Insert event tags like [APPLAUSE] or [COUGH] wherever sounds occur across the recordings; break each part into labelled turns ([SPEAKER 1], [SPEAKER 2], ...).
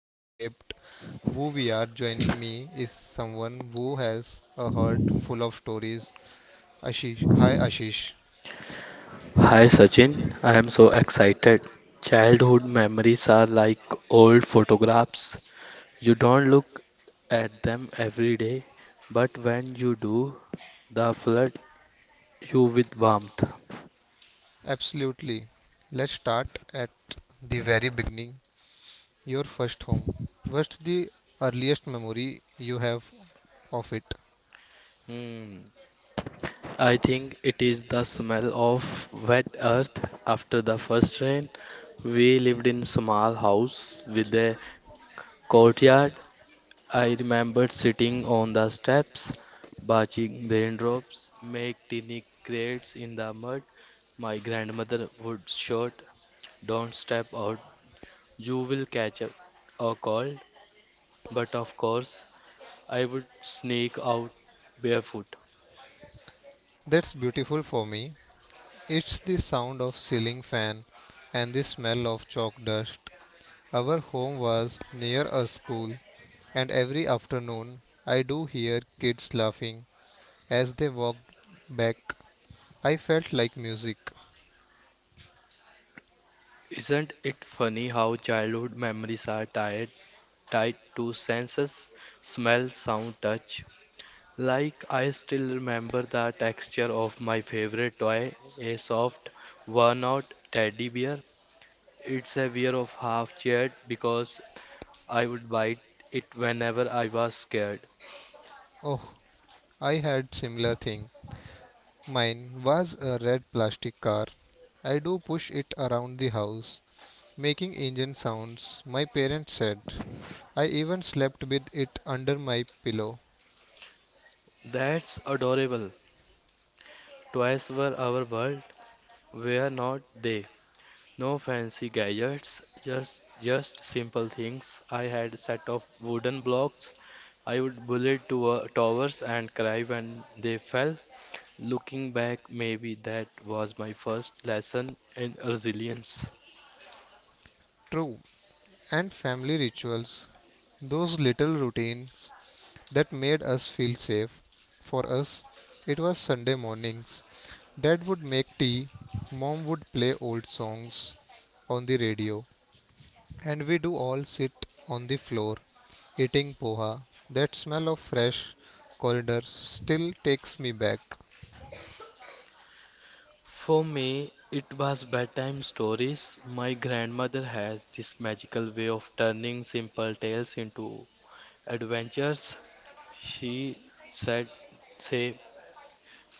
[SPEAKER 1] that shaped who we are. Joining me is someone who has a heart full of stories. Ashish, hi Ashish.
[SPEAKER 2] Hi Sachin, I am so excited. Childhood memories are like old photographs. You don't look at them every day, but when you do, they flood you with warmth.
[SPEAKER 1] Absolutely. Let's start at the very beginning. Your first home. What's the earliest memory you have of it?
[SPEAKER 2] Hmm. I think it is the smell of wet earth after the first rain. We lived in small house with a courtyard. I remembered sitting on the steps, watching raindrops make tiny crates in the mud. My grandmother would shout, "Don't step out, you will catch a cold." But of course, I would sneak out barefoot.
[SPEAKER 1] That's beautiful for me. It's the sound of ceiling fan and the smell of chalk dust. Our home was near a school and every afternoon I do hear kids laughing as they walked back. I felt like music.
[SPEAKER 2] Isn't it funny how childhood memories are tied to senses, smell, sound, touch? Like I still remember the texture of my favorite toy, a soft, worn-out teddy bear. It's a wear of half cheered because I would bite it whenever I was scared.
[SPEAKER 1] Oh, I had similar thing. Mine was a red plastic car. I do push it around the house, making engine sounds, my parents said. I even slept with it under my pillow.
[SPEAKER 2] That's adorable. Toys were our world, were not they? No fancy gadgets, just simple things. I had a set of wooden blocks. I would bullet to towers and cry when they fell. Looking back, maybe that was my first lesson in resilience.
[SPEAKER 1] True, and family rituals. Those little routines that made us feel safe. For us, it was Sunday mornings. Dad would make tea, mom would play old songs on the radio, and we'd all sit on the floor eating poha. That smell of fresh corridor still takes me back.
[SPEAKER 2] For me, it was bedtime stories. My grandmother has this magical way of turning simple tales into adventures. She said, say,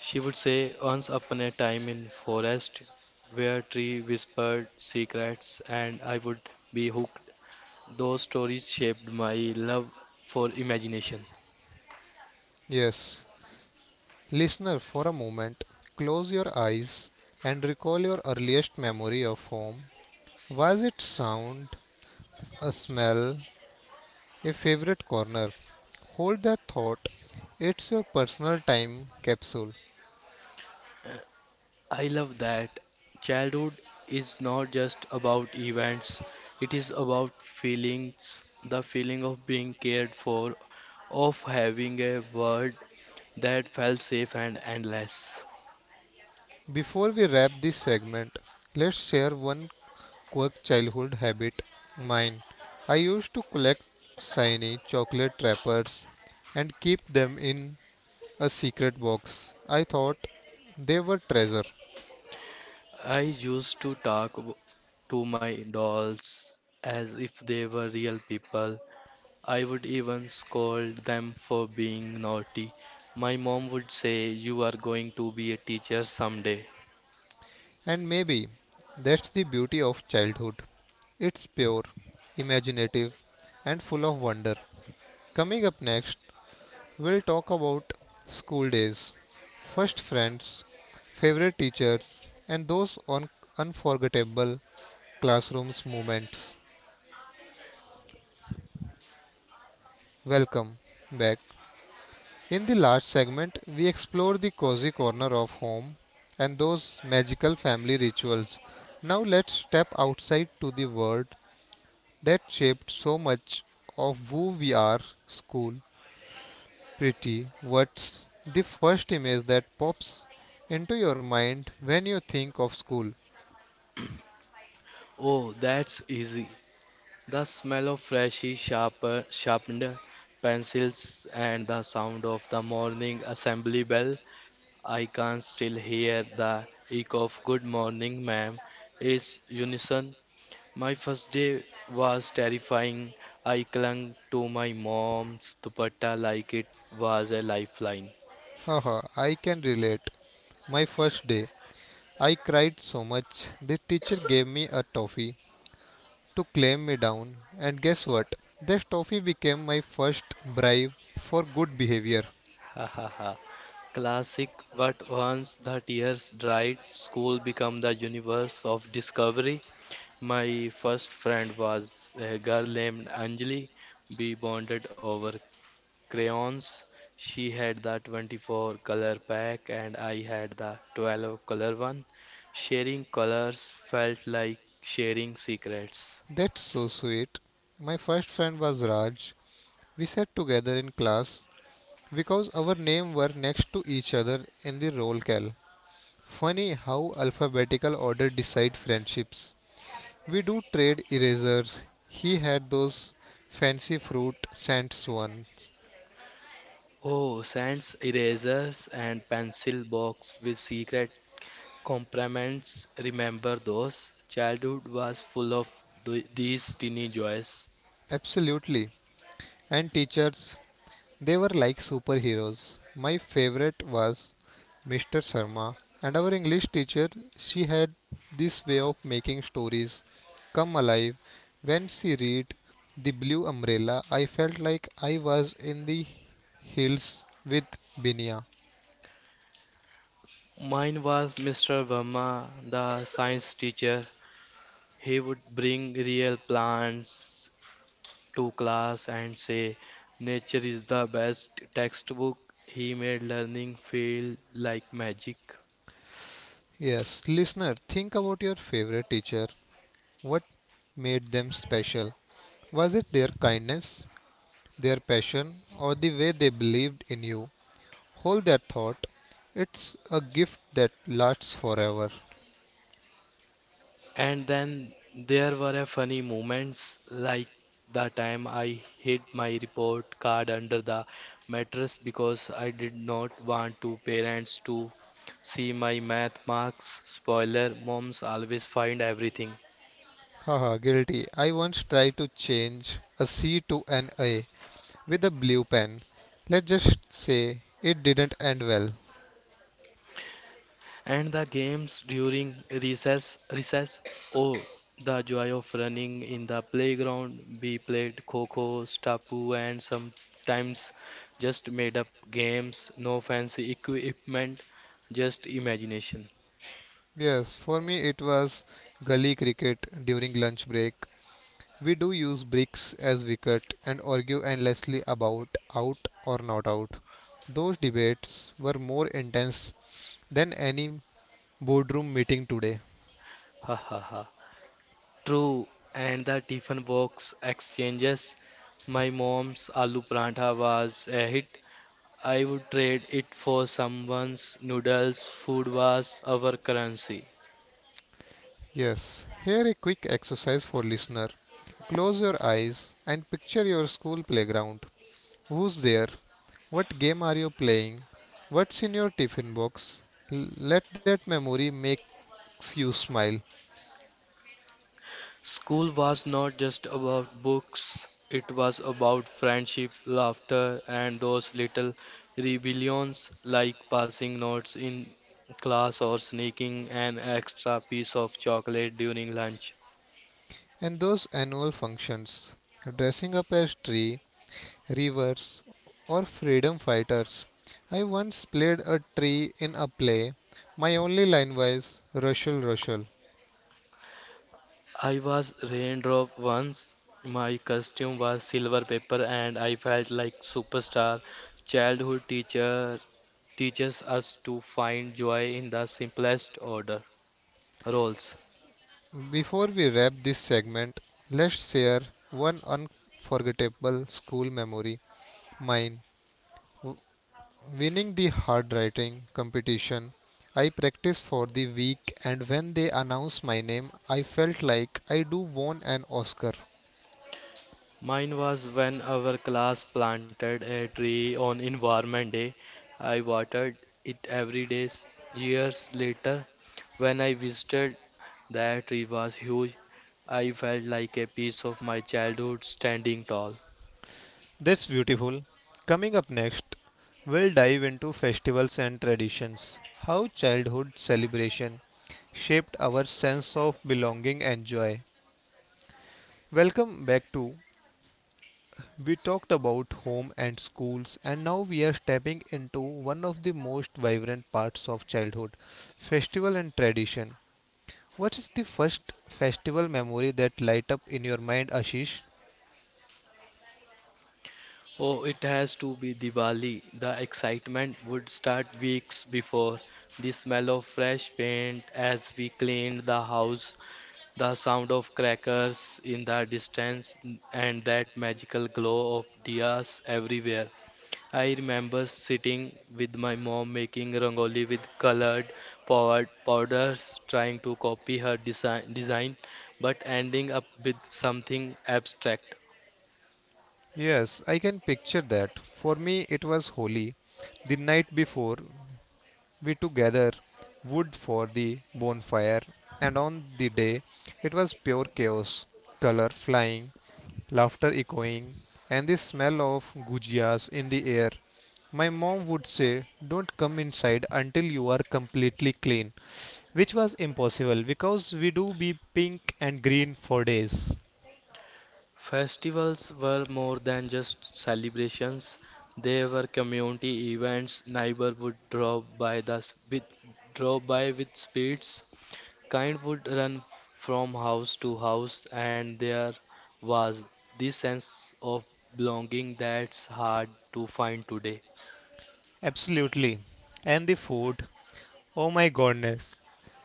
[SPEAKER 2] she would say, once upon a time in forest where tree whispered secrets and I would be hooked. Those stories shaped my love for imagination.
[SPEAKER 1] Yes, listener, for a moment, close your eyes and recall your earliest memory of home. Was it sound, a smell, a favorite corner. Hold that thought. It's your personal time capsule.
[SPEAKER 2] I love that childhood is not just about events, it is about feelings, the feeling of being cared for, of having a world that felt safe and endless.
[SPEAKER 1] Before we wrap this segment, let's share one quirk childhood habit. Mine. I used to collect shiny chocolate wrappers and keep them in a secret box. I thought they were treasure.
[SPEAKER 2] I used to to my dolls as if they were real people. I would even scold them for being naughty. My mom would say, "You are going to be a teacher someday."
[SPEAKER 1] And maybe that's the beauty of childhood. It's pure, imaginative, and full of wonder. Coming up next, we'll talk about school days, first friends, favorite teachers, and those unforgettable classrooms moments. Welcome back. In the last segment, we explored the cozy corner of home and those magical family rituals. Now let's step outside to the world that shaped so much of who we are, school. Pretty, what's the first image that pops into your mind when you think of school?
[SPEAKER 2] Oh, that's easy. The smell of sharpened pencils and the sound of the morning assembly bell. I can still hear the echo of "good morning, ma'am," is unison. My first day was terrifying. I clung to my mom's dupatta like it was a lifeline.
[SPEAKER 1] Haha, I can relate. My first day, I cried so much. The teacher gave me a toffee to calm me down, and guess what? This toffee became my first bribe for good behavior.
[SPEAKER 2] Ha ha ha. Classic, but once the tears dried, school became the universe of discovery. My first friend was a girl named Anjali. We bonded over crayons. She had the 24 color pack and I had the 12 color one. Sharing colors felt like sharing secrets.
[SPEAKER 1] That's so sweet. My first friend was Raj. We sat together in class because our names were next to each other in the roll call. Funny how alphabetical order decide friendships. We do trade erasers. He had those fancy fruit scents ones.
[SPEAKER 2] Oh, sands, erasers, and pencil box with secret compartments. Remember those? Childhood was full of these teeny joys.
[SPEAKER 1] Absolutely. And teachers, they were like superheroes. My favorite was Mr. Sharma. And our English teacher, she had this way of making stories come alive. When she read The Blue Umbrella, I felt like I was in the hills with Binia.
[SPEAKER 2] Mine was Mr. Verma, the science teacher. He would bring real plants to class and say, "Nature is the best textbook." He made learning feel like magic.
[SPEAKER 1] Yes, listener, think about your favorite teacher. What made them special? Was it their kindness, their passion, or the way they believed in you? Hold that thought. It's a gift that lasts forever.
[SPEAKER 2] And then there were a funny moments like the time I hid my report card under the mattress because I did not want to parents to see my math marks. Spoiler, moms always find everything.
[SPEAKER 1] Haha, guilty. I once tried to change a C to an A with a blue pen. Let's just say it didn't end well.
[SPEAKER 2] And the games during recess, oh, the joy of running in the playground. We played kho-kho, stapu, and sometimes just made up games, no fancy equipment, just imagination.
[SPEAKER 1] Yes, for me it was gully cricket during lunch break. We do use bricks as wicket and argue endlessly about out or not out. Those debates were more intense than any boardroom meeting today.
[SPEAKER 2] Ha ha ha. True, and the Tiffin box exchanges. My mom's aloo prantha was a hit. I would trade it for someone's noodles. Food was our currency.
[SPEAKER 1] Yes, here a quick exercise for listener. Close your eyes and picture your school playground. Who's there? What game are you playing? What's in your tiffin box? Let that memory makes you smile.
[SPEAKER 2] School was not just about books, it was about friendship, laughter, and those little rebellions like passing notes in class or sneaking an extra piece of chocolate during lunch.
[SPEAKER 1] And those annual functions, dressing up as tree, rivers, or freedom fighters. I once played a tree in a play. My only line was Rushel Rushel.
[SPEAKER 2] I was raindrop once. My costume was silver paper and I felt like superstar. Childhood teacher teaches us to find joy in the simplest order roles.
[SPEAKER 1] Before we wrap this segment, let's share one unforgettable school memory. Mine. Winning the hard writing competition. I practiced for the week and when they announced my name, I felt like I do won an Oscar.
[SPEAKER 2] Mine was when our class planted a tree on Environment Day. I watered it every day. Years later, when I visited, that tree was huge. I felt like a piece of my childhood standing tall.
[SPEAKER 1] That's beautiful. Coming up next, we'll dive into festivals and traditions, how childhood celebration shaped our sense of belonging and joy. Welcome back to we talked about home and schools and now we are stepping into one of the most vibrant parts of childhood, festival and tradition. What is the first festival memory that light up in your mind, Ashish?
[SPEAKER 2] Oh, it has to be Diwali. The excitement would start weeks before. The smell of fresh paint as we cleaned the house, the sound of crackers in the distance and that magical glow of diyas everywhere. I remember sitting with my mom making rangoli with colored powders, trying to copy her design, but ending up with something abstract.
[SPEAKER 1] Yes, I can picture that. For me, it was holy. The night before, we together wood for the bonfire, and on the day, it was pure chaos. Color flying, laughter echoing, and the smell of gujias in the air. My mom would say, "Don't come inside until you are completely clean," which was impossible because we do be pink and green for days.
[SPEAKER 2] Festivals were more than just celebrations, they were community events. Neighbor would drop by the s- with drop by with spirits. Kind would run from house to house, and there was this sense of belonging that's hard to find today.
[SPEAKER 1] Absolutely. And the food. Oh my goodness.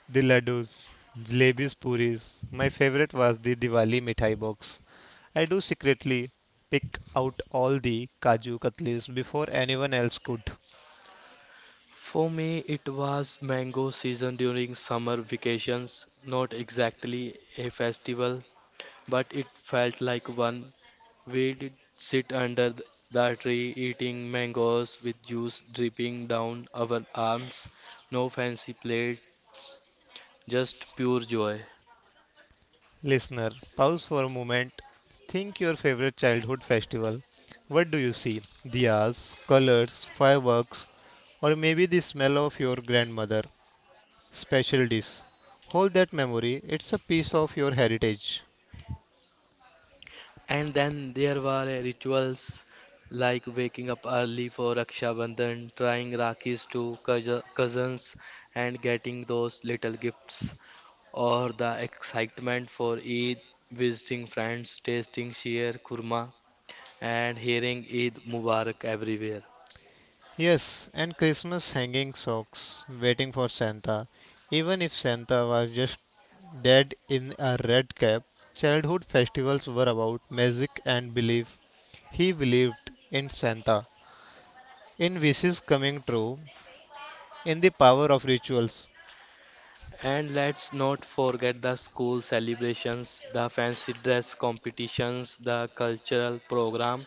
[SPEAKER 1] The laddus, jalebis, puris. My favorite was the Diwali mithai box. I do secretly pick out all the kaju katlis before anyone else could.
[SPEAKER 2] For me, it was mango season during summer vacations, not exactly a festival, but it felt like one. We did sit under the tree eating mangoes with juice dripping down our arms. No fancy plates, just pure joy.
[SPEAKER 1] Listener, pause for a moment. Think your favorite childhood festival. What do you see? Diyas, colors, fireworks, or maybe the smell of your grandmother special dish. Hold that memory, it's a piece of your heritage.
[SPEAKER 2] And then there were rituals like waking up early for Raksha Bandhan, trying Rakis to cousins, and getting those little gifts, or the excitement for Eid, visiting friends, tasting sheer kurma, and hearing Eid Mubarak everywhere.
[SPEAKER 1] Yes, and Christmas hanging socks, waiting for Santa. Even if Santa was just dead in a red cap, childhood festivals were about magic and belief. He believed in Santa, in wishes coming true, in the power of rituals.
[SPEAKER 2] And let's not forget the school celebrations, the fancy dress competitions, the cultural program.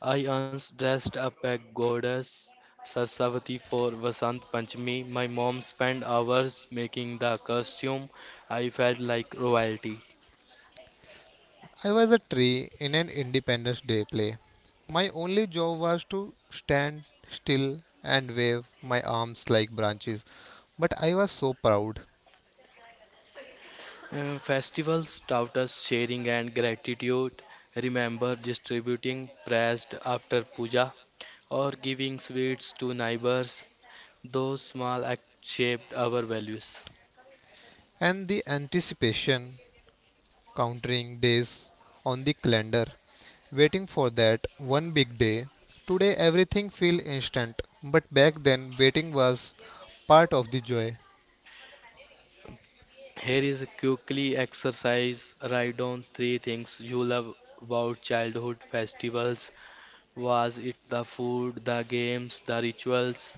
[SPEAKER 2] I once dressed up a goddess Saraswati for Vasant Panchami. My mom spent hours making the costume. I felt like royalty.
[SPEAKER 1] I was a tree in an Independence Day play. My only job was to stand still and wave my arms like branches. But I was so proud.
[SPEAKER 2] Festivals taught us sharing and gratitude. Remember distributing pressed after puja or giving sweets to neighbors. Those small acts shaped our values.
[SPEAKER 1] And the anticipation, counting days on the calendar, waiting for that one big day. Today everything feels instant, but back then waiting was part of the joy.
[SPEAKER 2] Here is a quickly exercise. Write down 3 things you love about childhood festivals. Was it the food, the games, the rituals,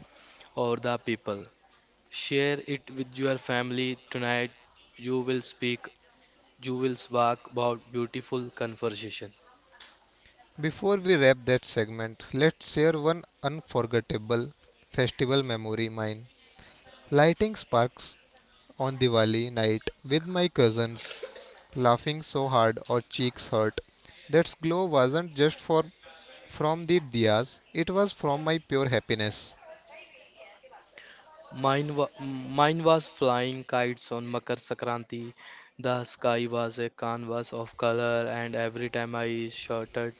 [SPEAKER 2] or the people? Share it with your family tonight. You will speak, you will spark about beautiful conversation.
[SPEAKER 1] Before we wrap that segment, let's share one unforgettable festival memory mine. Lighting sparks on Diwali night with my cousins, laughing so hard our cheeks hurt. That glow wasn't just for from the diyas, it was from my pure happiness.
[SPEAKER 2] Mine was flying kites on Makar Sakranti. The sky was a canvas of color, and every time I shouted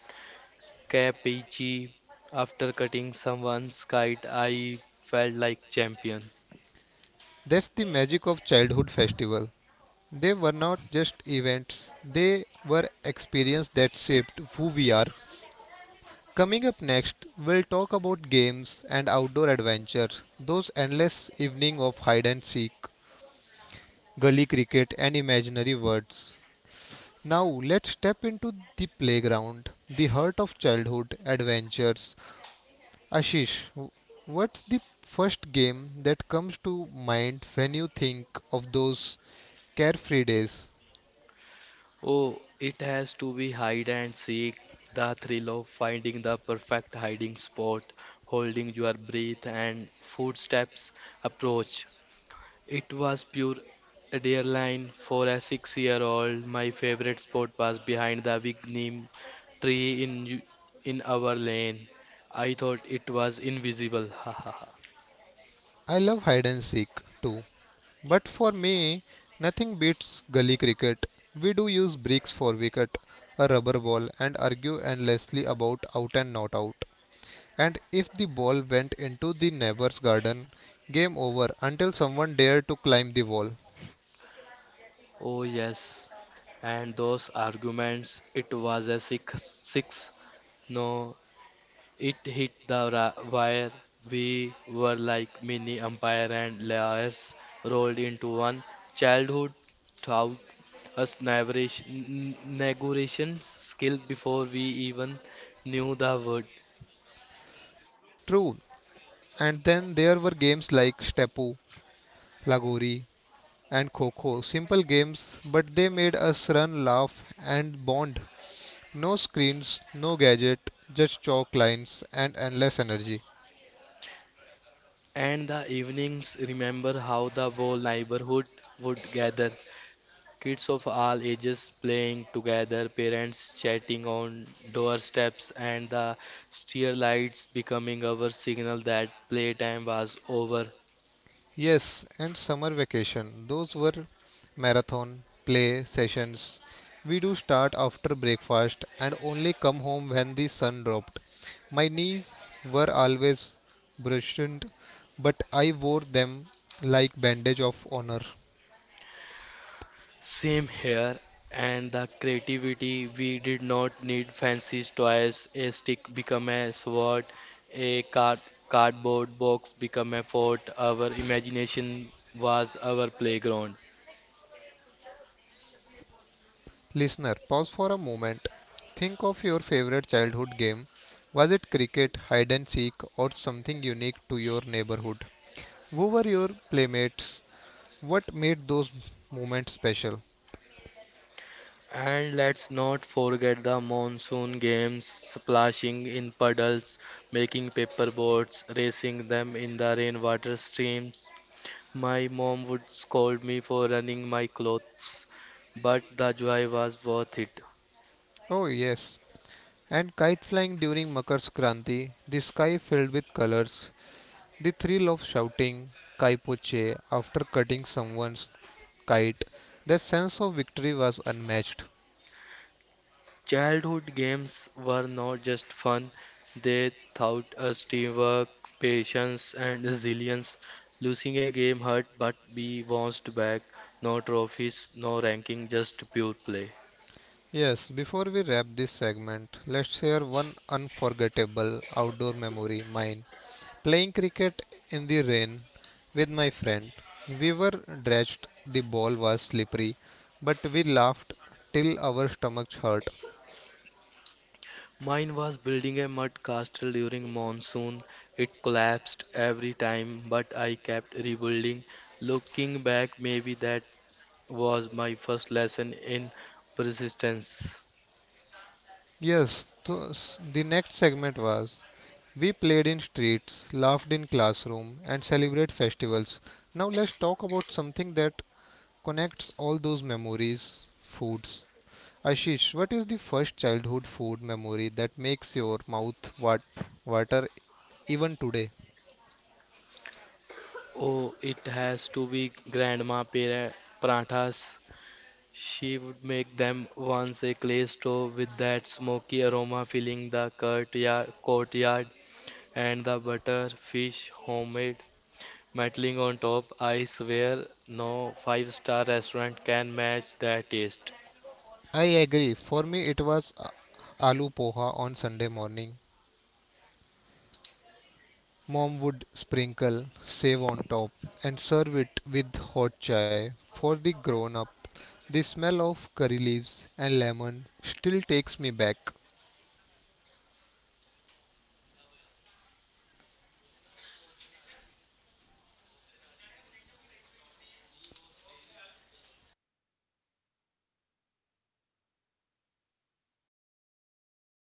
[SPEAKER 2] KPG. After cutting someone's kite, I felt like champion.
[SPEAKER 1] That's the magic of childhood festival. They were not just events, they were experiences that shaped who we are. Coming up next, we'll talk about games and outdoor adventure, those endless evening of hide and seek, gully cricket and imaginary words. Now let's step into the playground, the heart of childhood adventures. Ashish, what's the first game that comes to mind when you think of those carefree days?
[SPEAKER 2] Oh, it has to be hide and seek, the thrill of finding the perfect hiding spot, holding your breath and footsteps approach. It was pure adrenaline for a six-year-old. My favorite spot was behind the big neem tree in our lane. I thought it was invisible. [LAUGHS]
[SPEAKER 1] I love hide and seek too, but for me, nothing beats gully cricket. We do use bricks for wicket, a rubber ball, and argue endlessly about out and not out. And if the ball went into the neighbor's garden, game over until someone dared to climb the wall.
[SPEAKER 2] Oh yes, and those arguments, it was a six, six. No, it hit the wire. We were like mini umpire and lawyers rolled into one. Childhood taught us negotiation skill before we even knew the word.
[SPEAKER 1] True. And then there were games like Stepu, Lagori, and Kho. Simple games, but they made us run, laugh, and bond. No screens, no gadget, just chalk lines and endless energy.
[SPEAKER 2] And the evenings, remember how the whole neighborhood would gather. Kids of all ages playing together, parents chatting on doorsteps, and the steer lights becoming our signal that playtime was over.
[SPEAKER 1] Yes, and summer vacation. Those were marathon play sessions. We do start after breakfast and only come home when the sun dropped. My knees were always bruised, but I wore them like bandage of honor.
[SPEAKER 2] Same here, and the creativity we did not need fancy toys. A stick become a sword, a cardboard box become a fort. Our imagination was our playground.
[SPEAKER 1] Listener, pause for a moment. Think of your favorite childhood game. Was it cricket, hide and seek, or something unique to your neighborhood? Who were your playmates? What made those moments special?
[SPEAKER 2] And let's not forget the monsoon games, splashing in puddles, making paper boats, racing them in the rainwater streams. My mom would scold me for running my clothes, but the joy was worth it.
[SPEAKER 1] Oh, yes. And kite flying during Makar Sankranti, the sky filled with colors, the thrill of shouting Kai Poche after cutting someone's kite, that sense of victory was unmatched.
[SPEAKER 2] Childhood games were not just fun, they taught us teamwork, patience, and resilience. Losing a game hurt, but we bounced back. No trophies, no ranking, just pure play.
[SPEAKER 1] Yes, before we wrap this segment, let's share one unforgettable outdoor memory mine. Playing cricket in the rain with my friend. We were drenched, the ball was slippery, but we laughed till our stomachs hurt.
[SPEAKER 2] Mine was building a mud castle during monsoon. It collapsed every time, but I kept rebuilding. Looking back, maybe that was my first lesson in persistence.
[SPEAKER 1] Yes, to, the next segment was we played in streets, laughed in classroom and celebrate festivals. Now let's talk about something that connects all those memories, foods. Ashish, what is the first childhood food memory that makes your mouth water even today?
[SPEAKER 2] Oh, it has to be grandma parathas. She would make them once a clay stove with that smoky aroma filling the courtyard and the butter, fish, homemade Mantling on top, I swear no 5-star restaurant can match that taste.
[SPEAKER 1] I agree. For me, it was aloo poha on Sunday morning. Mom would sprinkle save on top and serve it with hot chai for the grown up. The smell of curry leaves and lemon still takes me back.